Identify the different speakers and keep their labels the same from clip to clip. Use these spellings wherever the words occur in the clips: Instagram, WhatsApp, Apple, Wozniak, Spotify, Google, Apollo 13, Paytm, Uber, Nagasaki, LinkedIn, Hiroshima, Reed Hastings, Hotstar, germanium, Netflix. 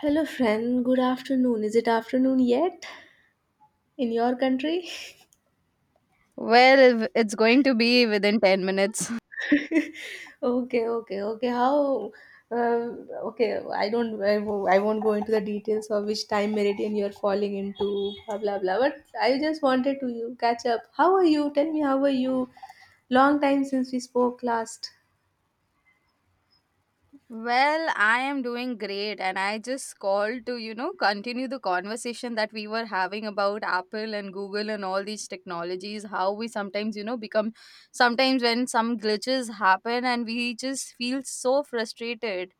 Speaker 1: Hello, friend. Good afternoon. Is it afternoon yet in your country?
Speaker 2: Well, it's going to be within 10 minutes.
Speaker 1: Okay, okay, okay. How? Uh, okay, I don't. I won't go into the details of which time meridian you're falling into. Blah blah blah. But I just wanted to you catch up. How are you? Tell me, how are you? Long time since we spoke last.
Speaker 2: Well, I am doing great, and I just called to, you know, continue the conversation that we were having about Apple and Google and all these technologies. How we sometimes, you know, become sometimes when some glitches happen and we just feel so frustrated.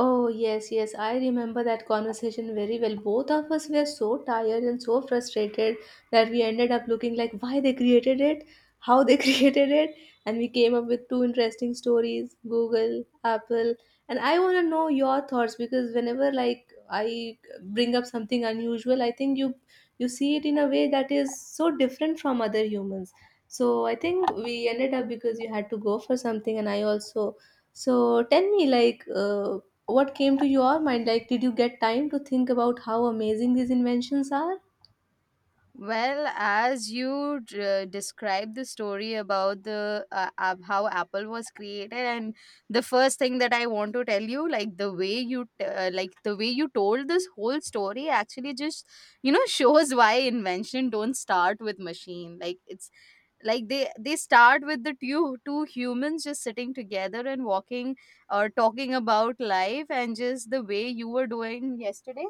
Speaker 1: Oh, yes, yes. I remember that conversation very well. Both of us were so tired and so frustrated that we ended up looking like why they created it, how they created it, and we came up with two interesting stories, Google, Apple. And I want to know your thoughts because whenever like I bring up something unusual, I think you see it in a way that is so different from other humans. So I think we ended up because you had to go for something and I also so tell me, like, what came to your mind? Like, did you get time to think about how amazing these inventions are?
Speaker 2: Well, as you described the story about how Apple was created, and the first thing that I want to tell you, like the way like the way you told this whole story, actually just you know shows why invention don't start with machine. Like it's they start with the two humans just sitting together and walking or talking about life and just the way you were doing yesterday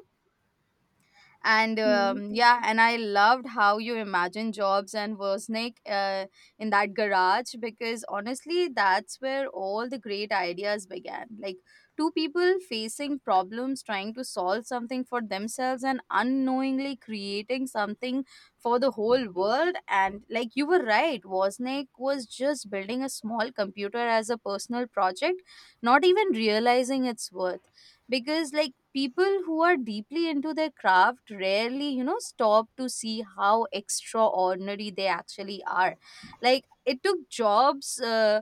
Speaker 2: and
Speaker 1: Mm,
Speaker 2: yeah, and I loved how you imagine jobs and Wozniak, in that garage, because honestly that's where all the great ideas began. Like two people facing problems, trying to solve something for themselves and unknowingly creating something for the whole world. And like you were right, Wozniak was just building a small computer as a personal project, not even realizing its worth, because like people who are deeply into their craft rarely, you know, stop to see how extraordinary they actually are. Like it took jobs,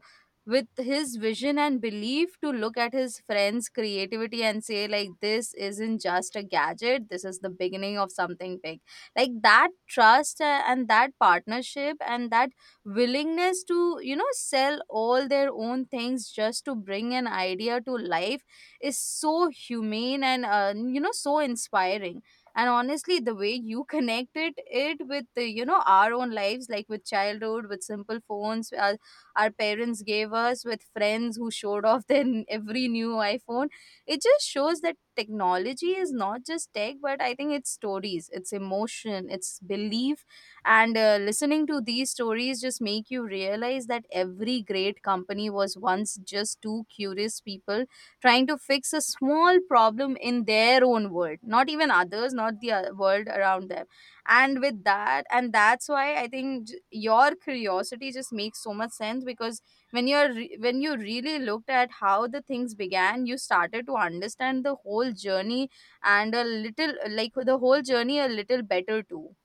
Speaker 2: with his vision and belief, to look at his friend's creativity and say like, this isn't just a gadget, this is the beginning of something big. Like that trust, and that partnership, and that willingness to, you know, sell all their own things just to bring an idea to life is so humane and, you know, so inspiring. And honestly the way you connected it with the, you know, our own lives, like with childhood, with simple phones our parents gave us, with friends who showed off every new iPhone. It just shows that technology is not just tech, but I think it's stories, it's emotion, it's belief. And listening to these stories just make you realize that every great company was once just two curious people trying to fix a small problem in their own world, not even others, not the world around them. And that's why I think your curiosity just makes so much sense, because when you really looked at how the things began, you started to understand the whole journey and a little like the whole journey a little better too.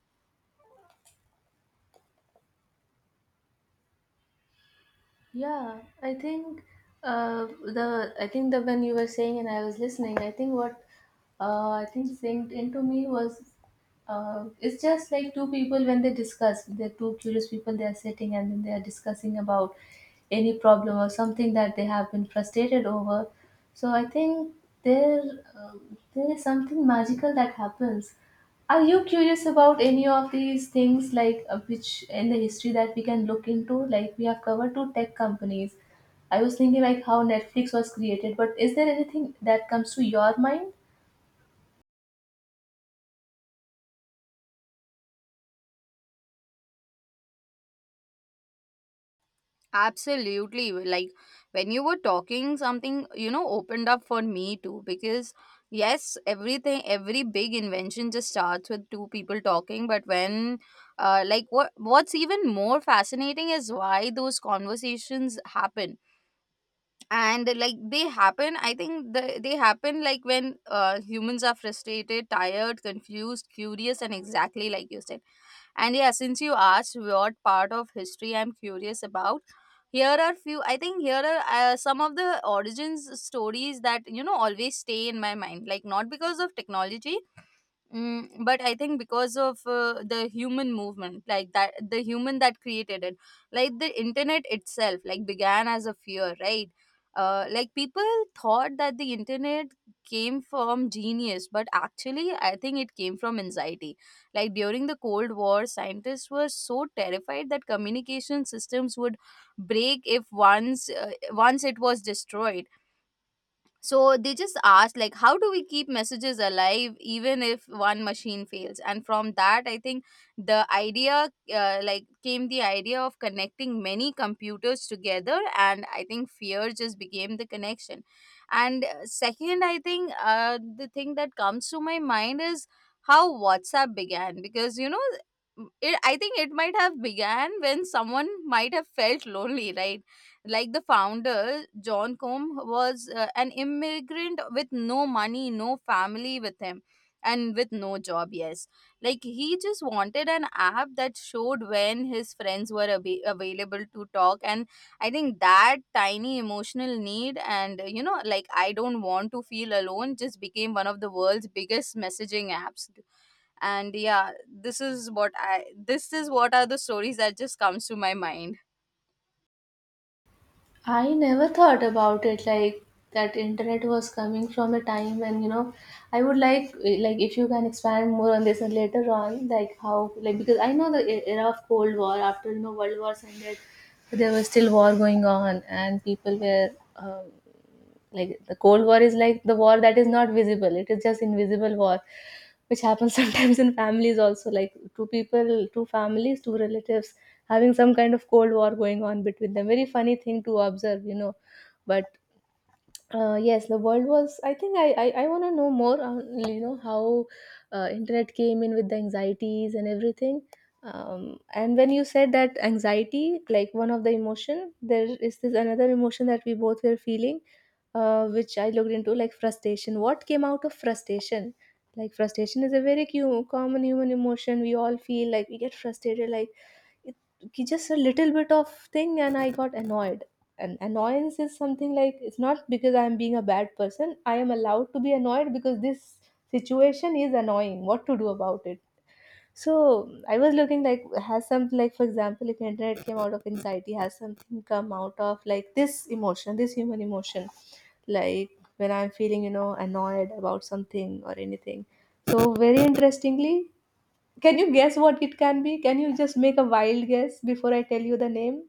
Speaker 1: yeah, I think the I think that when you were saying and I was listening, I think what I think synced into me was it's just like two people when they discuss, they're two curious people, they are sitting and then they are discussing about any problem or something that they have been frustrated over. So I think there uh, there is something magical that happens. Are you curious about any of these things, like which in the history that we can look into? Like we have covered two tech companies. I was thinking like how Netflix was created, but is there anything that comes to your mind?
Speaker 2: Absolutely. Like when you were talking, something, you know, opened up for me too. Because, yes, everything, every big invention just starts with two people talking. But what's even more fascinating is why those conversations happen. And like they happen, I think they happen like when, humans are frustrated, tired, confused, curious, and exactly like you said. And yeah, since you asked what part of history I'm curious about, here are few I think here are, some of the origins stories that, you know, always stay in my mind, like not because of technology. Mm, but I think because of, the human movement, like the human that created it. Like the internet itself, like began as a fear, right? Like people thought that the internet came from genius, but actually, I think it came from anxiety. Like during the Cold War, scientists were so terrified that communication systems would break if once it was destroyed, so they just asked like, how do we keep messages alive even if one machine fails. And from that I think the idea like came the idea of connecting many computers together, and I think fear just became the connection. And, second, I think, the thing that comes to my mind is how WhatsApp began. Because, you know, I think it might have began when someone might have felt lonely, right? Like the founder john combe was, an immigrant with no money, no family with him, and with no job, yes. Like he just wanted an app that showed when his friends were available to talk. And I think that tiny emotional need and, you know, like I don't want to feel alone, just became one of the world's biggest messaging apps. And yeah, this is what are the stories that just comes to my mind.
Speaker 1: I never thought about it like that internet was coming from a time when you know I would like like if you can expand more on this and later on like how like because I know the era of Cold War after you know World Wars ended there was still war going on and people were um, like the Cold War is like the war that is not visible. It is just invisible war, which happens sometimes in families also. Like two people, two families, two relatives having some kind of cold war going on between them. Very funny thing to observe, you know. But yes, the world was, I think I want to know more on you know how internet came in with the anxieties and everything. And when you said that anxiety, like one of the emotion, there is this another emotion that we both were feeling, which I looked into, like frustration, what came out of frustration. Like frustration is a very common human emotion, we all feel like we get frustrated. Like it just a little bit of thing and I got annoyed. And annoyance is something like it's not because I'm being a bad person. I am allowed to be annoyed because this situation is annoying, what to do about it. So I was looking like, has something, like for example, if internet came out of anxiety, has something come out of like this emotion, this human emotion, like when I'm feeling, you know, annoyed about something or anything. So very interestingly, can you guess what it can be? Can you just make a wild guess before I tell you the name?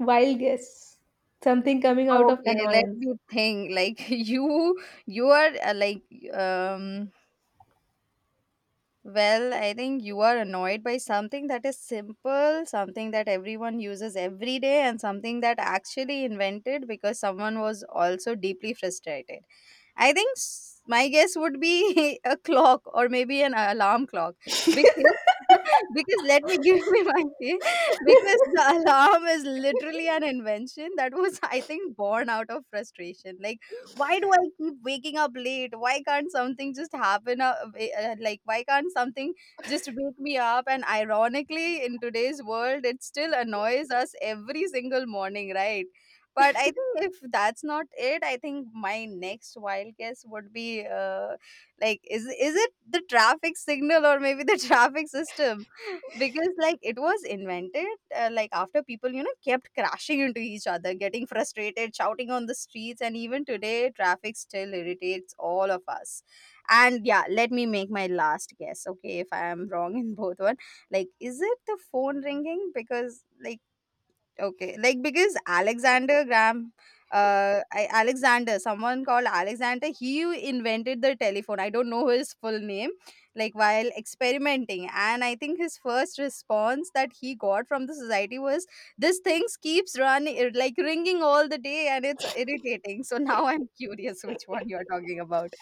Speaker 1: Wild guess. Something coming out of
Speaker 2: Okay, let
Speaker 1: annoyance.
Speaker 2: me think. Like you are, um. Well, I think you are annoyed by something that is simple, something that everyone uses every day, and something that actually invented because someone was also deeply frustrated. I think my guess would be a clock, or maybe an alarm clock, because because let me give me my because the alarm is literally an invention that was, I think, born out of frustration. Like why do I keep waking up late? Why can't something just happen, like why can't something just wake me up? And ironically, in today's world, it still annoys us every single morning, right? But I think if that's not it, I think my next wild guess would be, uh, like is is it the traffic signal, or maybe the traffic system, because like it was invented, like after people, you know, kept crashing into each other, getting frustrated, shouting on the streets, and even today traffic still irritates all of us. And yeah, let me make my last guess. Okay, if I am wrong in both one, like is it the phone ringing? Because like, okay, like, because Alexander Graham, Alexander, someone called Alexander, he invented the telephone. I don't know his full name, like while experimenting. And I think his first response that he got from the society was, "This thing keeps running, like ringing all the day, and it's irritating." So now I'm curious which one you're talking about.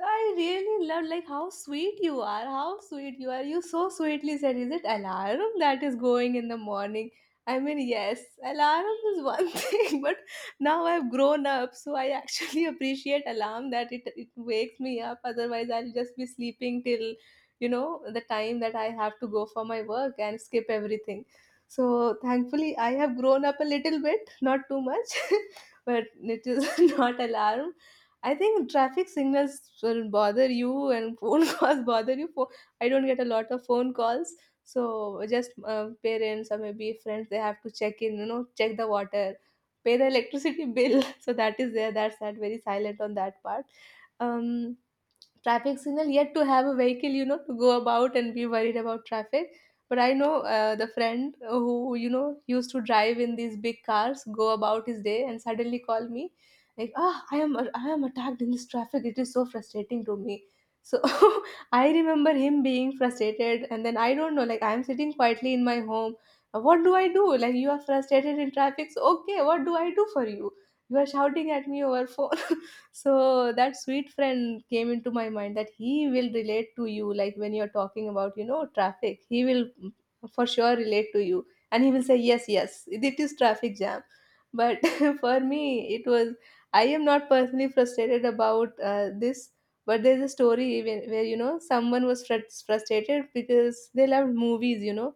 Speaker 1: I really love like how sweet you are. How sweet you are. You so sweetly said, is it alarm that is going in the morning? I mean, yes, alarm is one thing, but now I've grown up, so I actually appreciate alarm that it wakes me up. Otherwise, I'll just be sleeping till you know the time that I have to go for my work and skip everything. So thankfully, I have grown up a little bit, not too much. But it is not alarm. I think traffic signals will bother you and phone calls bother you. I don't get a lot of phone calls, so just parents or maybe friends, they have to check in, you know, check the water, pay the electricity bill. So that is there. That's that very silent on that part. Um, Traffic signal, yet to have a vehicle, you know, to go about and be worried about traffic. But I know the friend who you know used to drive in these big cars, go about his day and suddenly call me like, ah, I am attacked in this traffic, it is so frustrating to me. So I remember him being frustrated and then I don't know, like I'm sitting quietly in my home. What do I do, like you are frustrated in traffic, so okay, what do I do for you, you are shouting at me over phone. So that sweet friend came into my mind, that he will relate to you, like when you're talking about, you know, traffic, he will, mm, for sure relate to you and he will say, yes, yes, it is traffic jam. But for me, it was I am not personally frustrated about this. But there's a story where you know someone was frustrated because they loved movies, you know.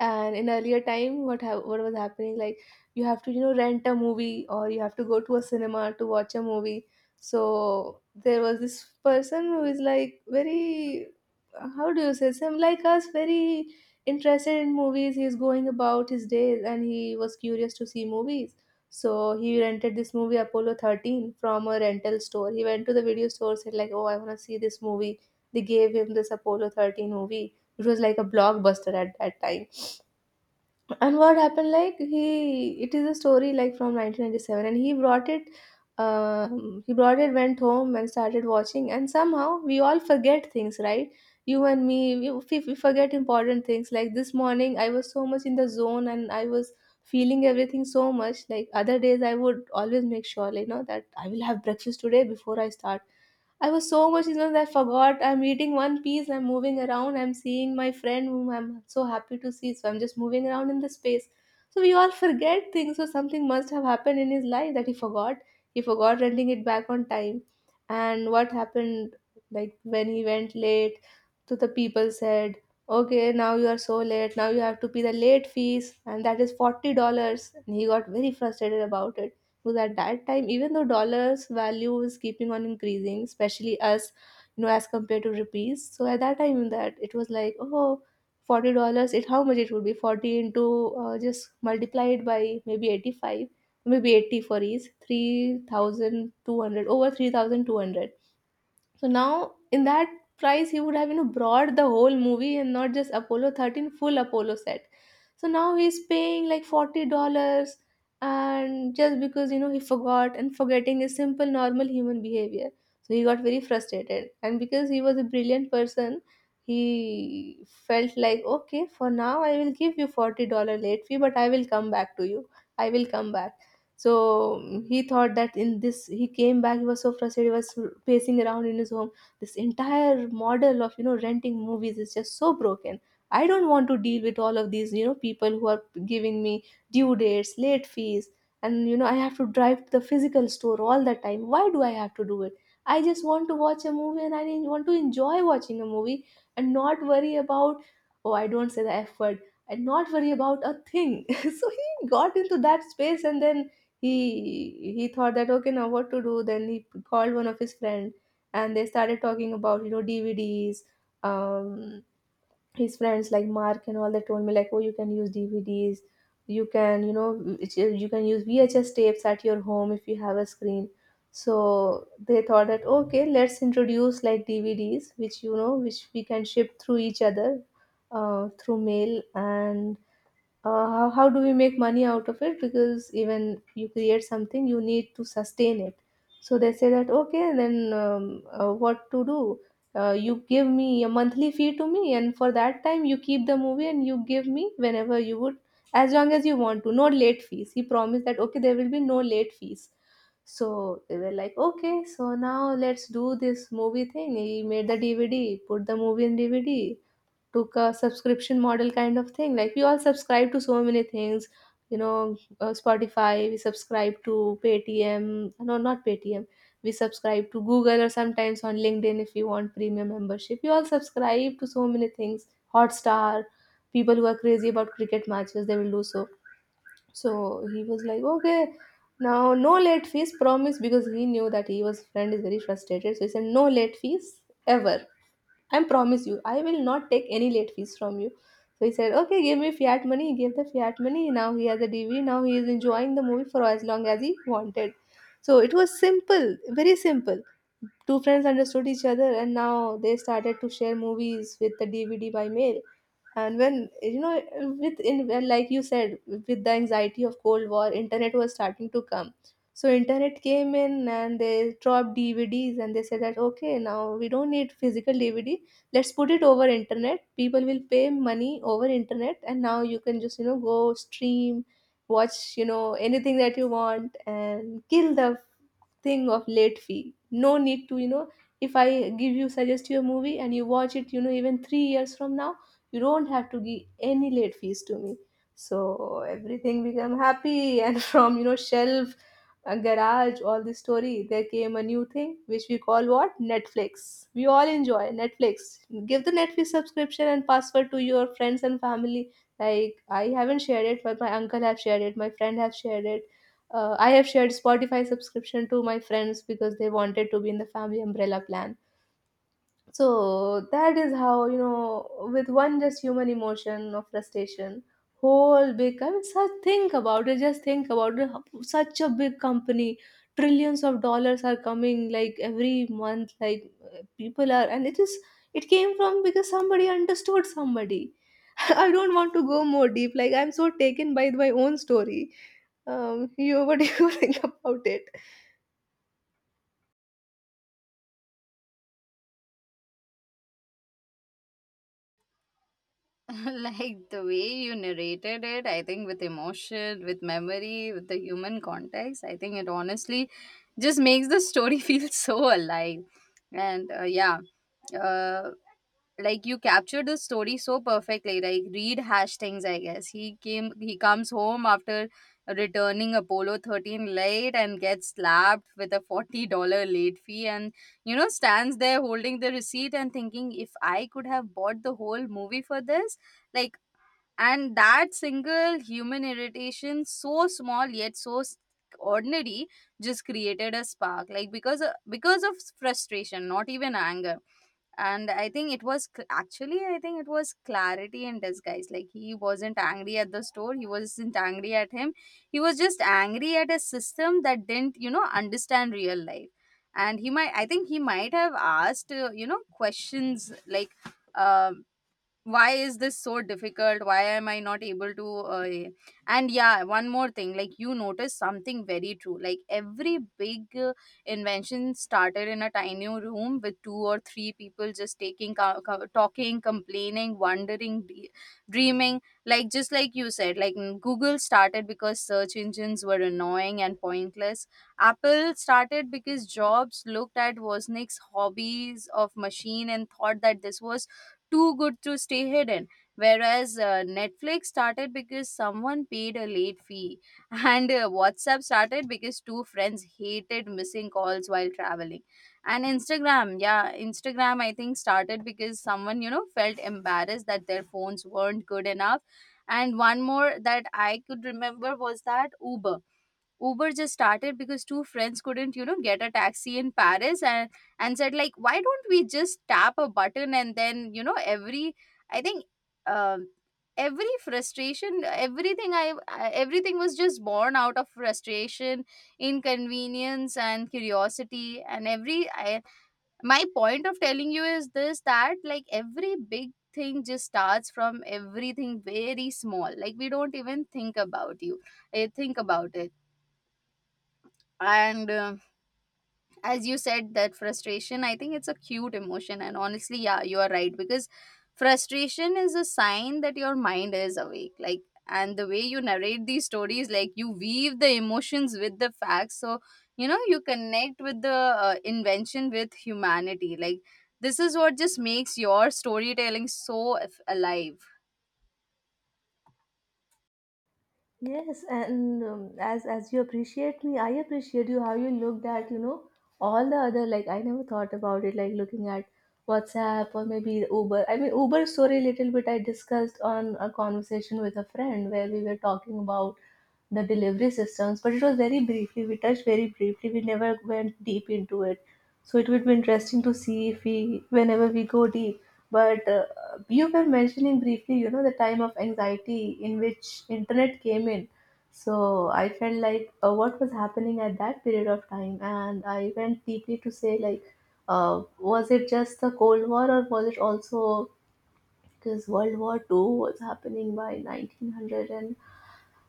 Speaker 1: And in earlier time what was happening, like you have to you know rent a movie or you have to go to a cinema to watch a movie. So there was this person who is like very, how do you say, some like us, very interested in movies. He's going about his days and he was curious to see movies. So he rented this movie Apollo 13 from a rental store. He went to the video store, said like, oh, I want to see this movie. They gave him this Apollo 13 movie which was like a blockbuster at that time. And what happened, like he, it is a story like from 1997, and he brought it. He brought it, went home, and started watching. And somehow we all forget things, right? You and me, we forget important things. Like this morning, I was so much in the zone, and I was feeling everything so much. Like other days, I would always make sure, like, you know, that I will have breakfast today before I start. I was so much in that I forgot. I'm eating one piece, I'm moving around, I'm seeing my friend whom I'm so happy to see. So I'm just moving around in the space. So we all forget things. So something must have happened in his life that he forgot. He forgot renting it back on time. And what happened, like when he went late, to the people said, okay, now you are so late. Now you have to pay the late fees, and that is $40. And he got very frustrated about it. Was at that time, even though dollars value was keeping on increasing, especially as you know as compared to rupees. So at that time that it was like, oh, $40. It how much it would be, 40 into just multiplied by maybe 85, maybe 80 for each, 3200, over 3200. So now in that price he would have, you know, brought the whole movie and not just Apollo 13, full Apollo set. So now he's paying like $40, and just because you know he forgot, and forgetting is simple normal human behavior. So he got very frustrated, and because he was a brilliant person, he felt like, okay, for now I will give you $40 late fee, but I will come back to you. I will come back. So, mm, he thought that in this, he came back, he was so frustrated, he was pacing around in his home. This entire model of, you know, renting movies is just so broken. I don't want to deal with all of these, you know, people who are giving me due dates, late fees, and, you know, I have to drive to the physical store all the time. Why do I have to do it? I just want to watch a movie and I want to enjoy watching a movie and not worry about, oh, I don't say the F word, and not worry about a thing. So he got into that space and then he thought that, "Okay, now what to do?" Then he called one of his friend, and they started talking about, you know, DVDs. Um, his friends like Mark and all, they told me like, "Oh, you can use DVDs. You can, it's- you can use VHS tapes at your home if you have a screen." So they thought that, "Okay, let's introduce like DVDs, which which we can ship through each other, through mail and how do we make money out of it because even you create something you need to sustain it. So they say that, "Okay, then what to do? You give me a monthly fee to me, and for that time you keep the movie and you give me whenever you would, as long as you want to. No late fees." He promised that, "Okay, there will be no late fees." So they were like, "Okay, so now let's do this movie thing." He made the DVD, put the movie in DVD, took a subscription model kind of thing. Like we all subscribe to so many things, Spotify. We subscribe to Paytm. No, not Paytm. We subscribe to Google, or sometimes on LinkedIn if you want premium membership. We all subscribe to so many things. Hotstar. People who are crazy about cricket matches, they will do so. So he was like, okay, now no late fees promise, because he knew that he was friend is very frustrated. So he said, "No late fees ever. I promise you, I will not take any late fees from you." So he said, "Okay, give me fiat money." He gave the fiat money. Now he has a DV. Now he is enjoying the movie for as long as he wanted. So it was simple, very simple. Two friends understood each other, and now they started to share movies with the DVD by mail. And when you know, with in well, like you said, with the anxiety of Cold War, internet was starting to come. So internet came in, and they dropped DVDs, and they said that, "Okay, now we don't need physical DVD, let's put it over internet. People will pay money over internet, and now you can just, go stream, watch, anything that you want, and kill the thing of late fee. No need to, if I give you suggest you a movie and you watch it, even 3 years from now, you don't have to give any late fees to me." So everything become happy, and from, shelf, a garage, all this story, there came a new thing which we call what? Netflix. We all enjoy Netflix. Give the Netflix subscription and password to your friends and family. Like, I haven't shared it, but my uncle have shared it, my friend have shared it. I have shared Spotify subscription to my friends because they wanted to be in the family umbrella plan. So that is how, you know, with one just human emotion of frustration, whole big, I mean, such, think about it, just think about it. Such a big company, trillions of dollars are coming like every month, like people are, and it is, it came from because somebody understood somebody. I don't want to go more deep. Like, I'm so taken by my own story. You, what do you think about it?
Speaker 2: Like the way you narrated it, I think with emotion, with memory, with the human context, I think it honestly just makes the story feel so alive. And, uh, like you captured the story so perfectly. Like Reed Hastings, I guess he came, he comes home after returning Apollo 13 late and gets slapped with a $40 late fee, and you know, stands there holding the receipt and thinking, if I could have bought the whole movie for this. Like, and that single human irritation, so small yet so ordinary, just created a spark. Like because of frustration, not even anger. And I think it was clarity in disguise. Like he wasn't angry at the store, he wasn't angry at him, he was just angry at a system that didn't, you know, understand real life. And he might, I think he might have asked, you know, questions like, um why is this so difficult? Why am I not able to, and yeah, one more thing. Like you notice something very true, like every big, invention started in a tiny room with two or three people just talking, complaining, wondering, dreaming, like just like you said. Like, mm, Google started because search engines were annoying and pointless. Apple started because jobs looked at Wozniak's hobbies of machine and thought that this was too good to stay hidden. Whereas, Netflix started because someone paid a late fee, and, WhatsApp started because two friends hated missing calls while traveling. And Instagram, yeah, Instagram, I think started because someone, you know, felt embarrassed that their phones weren't good enough. And one more that I could remember was that Uber. Uber just started because two friends couldn't, you know, get a taxi in Paris and said like, why don't we just tap a button, and then, you know, I think um every frustration, everything I, everything was just born out of frustration, inconvenience, and curiosity. And my point of telling you is this, that like every big thing just starts from everything very small, like we don't even think about think about it. And, as you said that frustration, I think it's a cute emotion, and honestly yeah, you are right, because frustration is a sign that your mind is awake. Like, and the way you narrate these stories, like you weave the emotions with the facts, so, you know, you connect with the, invention with humanity. Like this is what just makes your storytelling so alive.
Speaker 1: Yes, and as you appreciate me, I appreciate you how you looked at, you know, all the other, like I never thought about it, like looking at WhatsApp or maybe Uber. I mean, Uber story little bit I discussed on a conversation with a friend where we were talking about the delivery systems, but it was very briefly. We touched very briefly. We never went deep into it, so it would be interesting to see if we whenever we go deep. But you were mentioning briefly, you know, the time of anxiety in which internet came in. So I felt like, what was happening at that period of time, and I went deeply to say like, was it just the Cold War, or was it also because World War Two was happening by 1900? And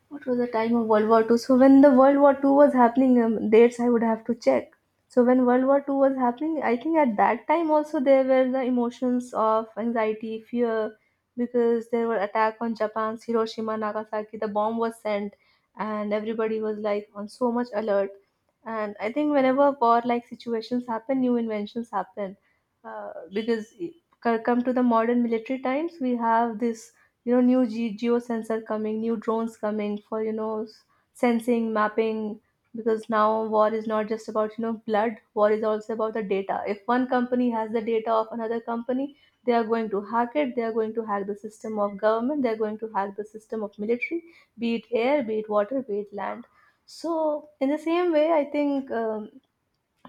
Speaker 1: what was the time of World War Two? So when the World War Two was happening, dates I would have to check. So when World War Two was happening, I think at that time also there were the emotions of anxiety, fear, because there were attack on Japan's Hiroshima, Nagasaki. The bomb was sent, and everybody was like on so much alert. And I think whenever war like situations happen, new inventions happen, uh, because. c- Come to the modern military times, we have this, you know, new geosensor coming, new drones coming, for you know sensing, mapping, because now war is not just about, you know, blood. War is also about the data. If one company has the data of another company, they are going to hack it, they are going to hack the system of government, they are going to hack the system of military, be it air, be it water, be it land. So in the same way I think, um,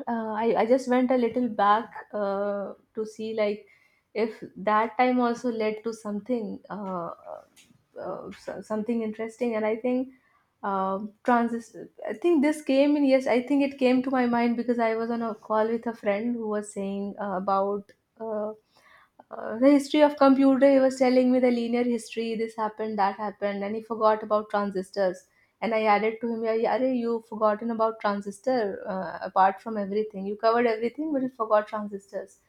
Speaker 1: uh, I, I just went a little back to see like if that time also led to something, something interesting. And I think transist I think this came in. Yes, I think it came to my mind because I was on a call with a friend who was saying about uh, the history of computer. He was telling me the linear history, this happened, that happened, and he forgot about transistors. And I added to him, "Yeah, yeah, arey, you've forgotten about transistor. Apart from everything, you covered everything, but you forgot transistors."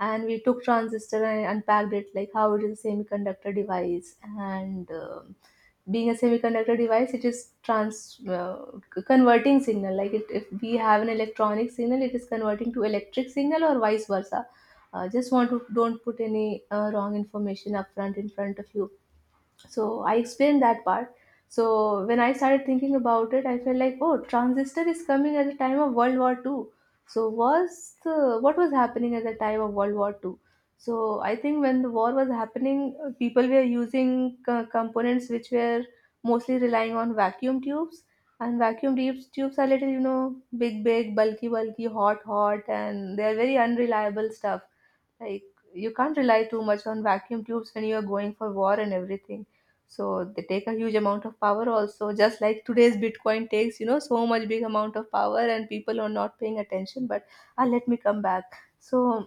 Speaker 1: And we took transistor and unpacked it, like how it is a semiconductor device. And being a semiconductor device, it is trans uh, converting signal. Like it, if we have an electronic signal, it is converting to electric signal or vice versa. Just want to don't put any wrong information up front in front of you, so I explained that part. So when I started thinking about it, I felt like, oh, transistor is coming at the time of World War II. So was the, what was happening at the time of World War II? So I think when the war was happening, people were using components which were mostly relying on vacuum tubes. And vacuum tubes are little, you know, big, bulky, hot, and they're very unreliable stuff. Like, you can't rely too much on vacuum tubes when you are going for war and everything. So they take a huge amount of power also, just like today's bitcoin takes, you know, so much big amount of power and people are not paying attention. But, let me come back. So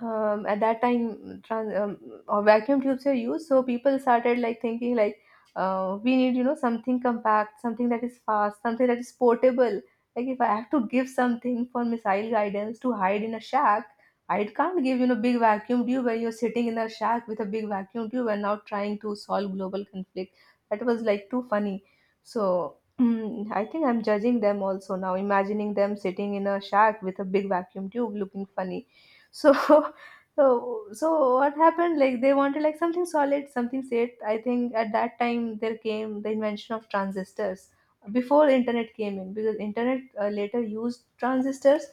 Speaker 1: at that time vacuum tubes were used. So people started like thinking like, we need, you know, something compact, something that is fast, something that is portable. Like, if I have to give something for missile guidance to hide in a shack, I can't give, you know, big vacuum tube where you're sitting in a shack with a big vacuum tube and now trying to solve global conflict. That was like too funny. So I think I'm judging them also now, imagining them sitting in a shack with a big vacuum tube looking funny. So so what happened, like they wanted like something solid, something safe. I think at that time there came the invention of transistors, before internet came in, because internet later used transistors.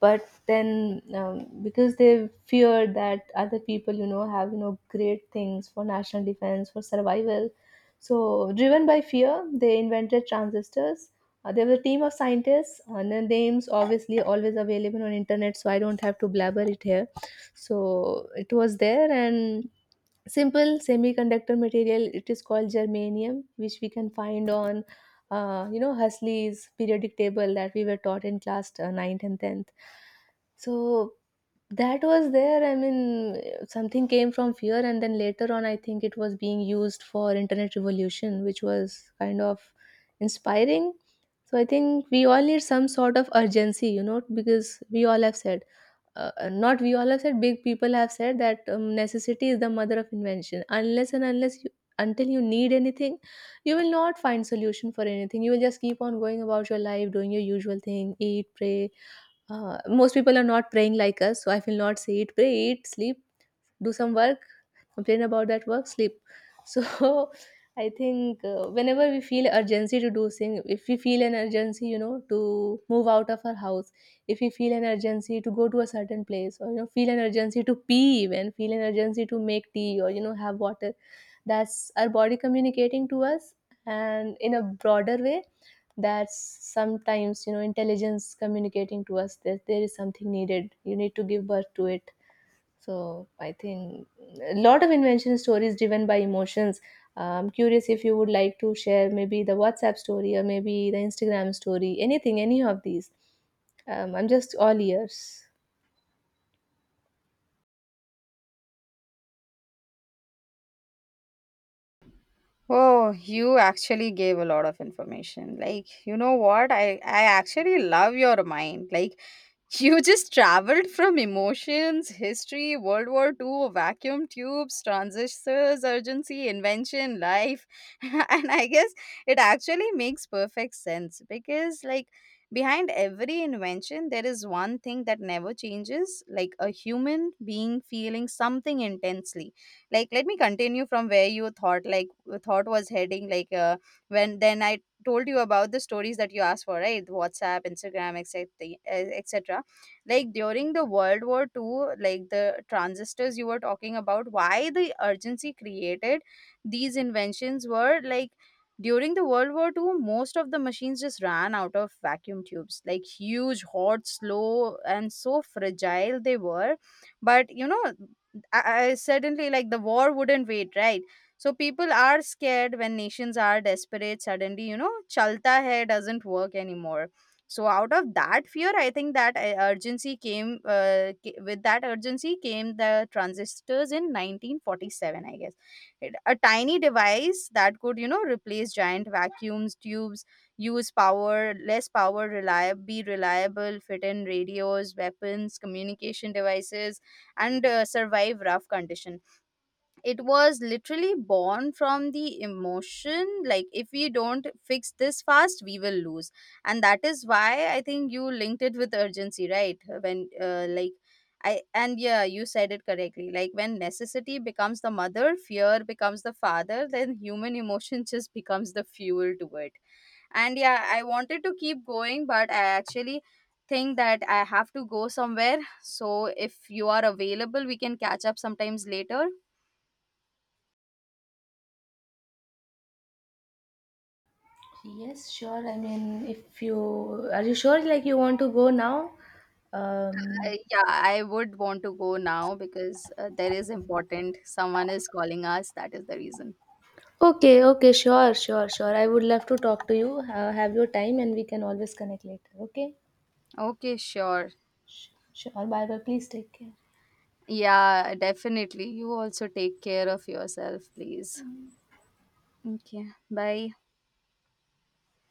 Speaker 1: But then, because they feared that other people, you know, have, you know, great things for national defense, for survival, so driven by fear, they invented transistors. There was a team of scientists, and their names obviously always available on internet, so I don't have to blabber it here. So it was there. And simple semiconductor material, it is called germanium, which we can find on, you know, Huxley's periodic table that we were taught in class, 9th and 10th. So that was there, I mean, something came from fear and then later on, I think it was being used for internet revolution, which was kind of inspiring. So I think we all need some sort of urgency, you know, because we all have said not we all have said, big people have said that, necessity is the mother of invention. Unless and unless you, until you need anything, you will not find solution for anything. You will just keep on going about your life, doing your usual thing. Eat, pray, most people are not praying like us, so I will not say eat pray. Eat, sleep, do some work, complain about that work, sleep. So I think, whenever we feel urgency to do things, if we feel an urgency, you know, to move out of our house, if we feel an urgency to go to a certain place, or you know feel an urgency to pee, even feel an urgency to make tea or, you know, have water, that's our body communicating to us. And in a broader way, that's sometimes, you know, intelligence communicating to us that there is something needed, you need to give birth to it. So I think a lot of invention stories driven by emotions. I'm curious if you would like to share maybe the WhatsApp story or maybe the Instagram story, anything, any of these. I'm just all ears.
Speaker 2: Oh, you actually gave a lot of information. Like, you know what? I actually love your mind. Like, you just traveled from emotions, history, World War Two, vacuum tubes, transistors, urgency, invention, life. And I guess it actually makes perfect sense because, like, behind every invention, there is one thing that never changes, like a human being feeling something intensely. Like, let me continue from where you thought was heading. Like, when then I told you about the stories that you asked for, right? WhatsApp, Instagram, etc, etc. Like during the World War Two, like the transistors you were talking about, why the urgency created these inventions. Were like during the World War Two, most of the machines just ran out of vacuum tubes, like huge, hot, slow, and so fragile they were. But you know, I suddenly, like the war wouldn't wait, right? So people are scared. When nations are desperate, suddenly, you know, chalta hai doesn't work anymore. So out of that fear, I think that, urgency came, with that urgency came the transistors in 1947, I guess. It, a tiny device that could, you know, replace giant vacuums tubes, use power less power, reliable be reliable, fit in radios, weapons, communication devices, and, survive rough condition. It was literally born from the emotion, like if we don't fix this fast, we will lose. And that is why I think you linked it with urgency, right? When, like I and yeah, you said it correctly, like when necessity becomes the mother, fear becomes the father, then human emotion just becomes the fuel to it. And yeah, I wanted to keep going, but I actually think that I have to go somewhere. So if you are available, we can catch up sometimes later.
Speaker 1: Yes, sure. I mean, if you are, you sure like you want to go now? Um,
Speaker 2: Yeah, I would want to go now because, there is important. Someone is calling us. That is the reason.
Speaker 1: okay, okay, sure, sure, sure. I would love to talk to you. Have your time and we can always connect later. Okay,
Speaker 2: Okay, sure.
Speaker 1: sure. Bye bye. Please take care.
Speaker 2: Yeah, definitely. You also take care of yourself, please. Okay, bye.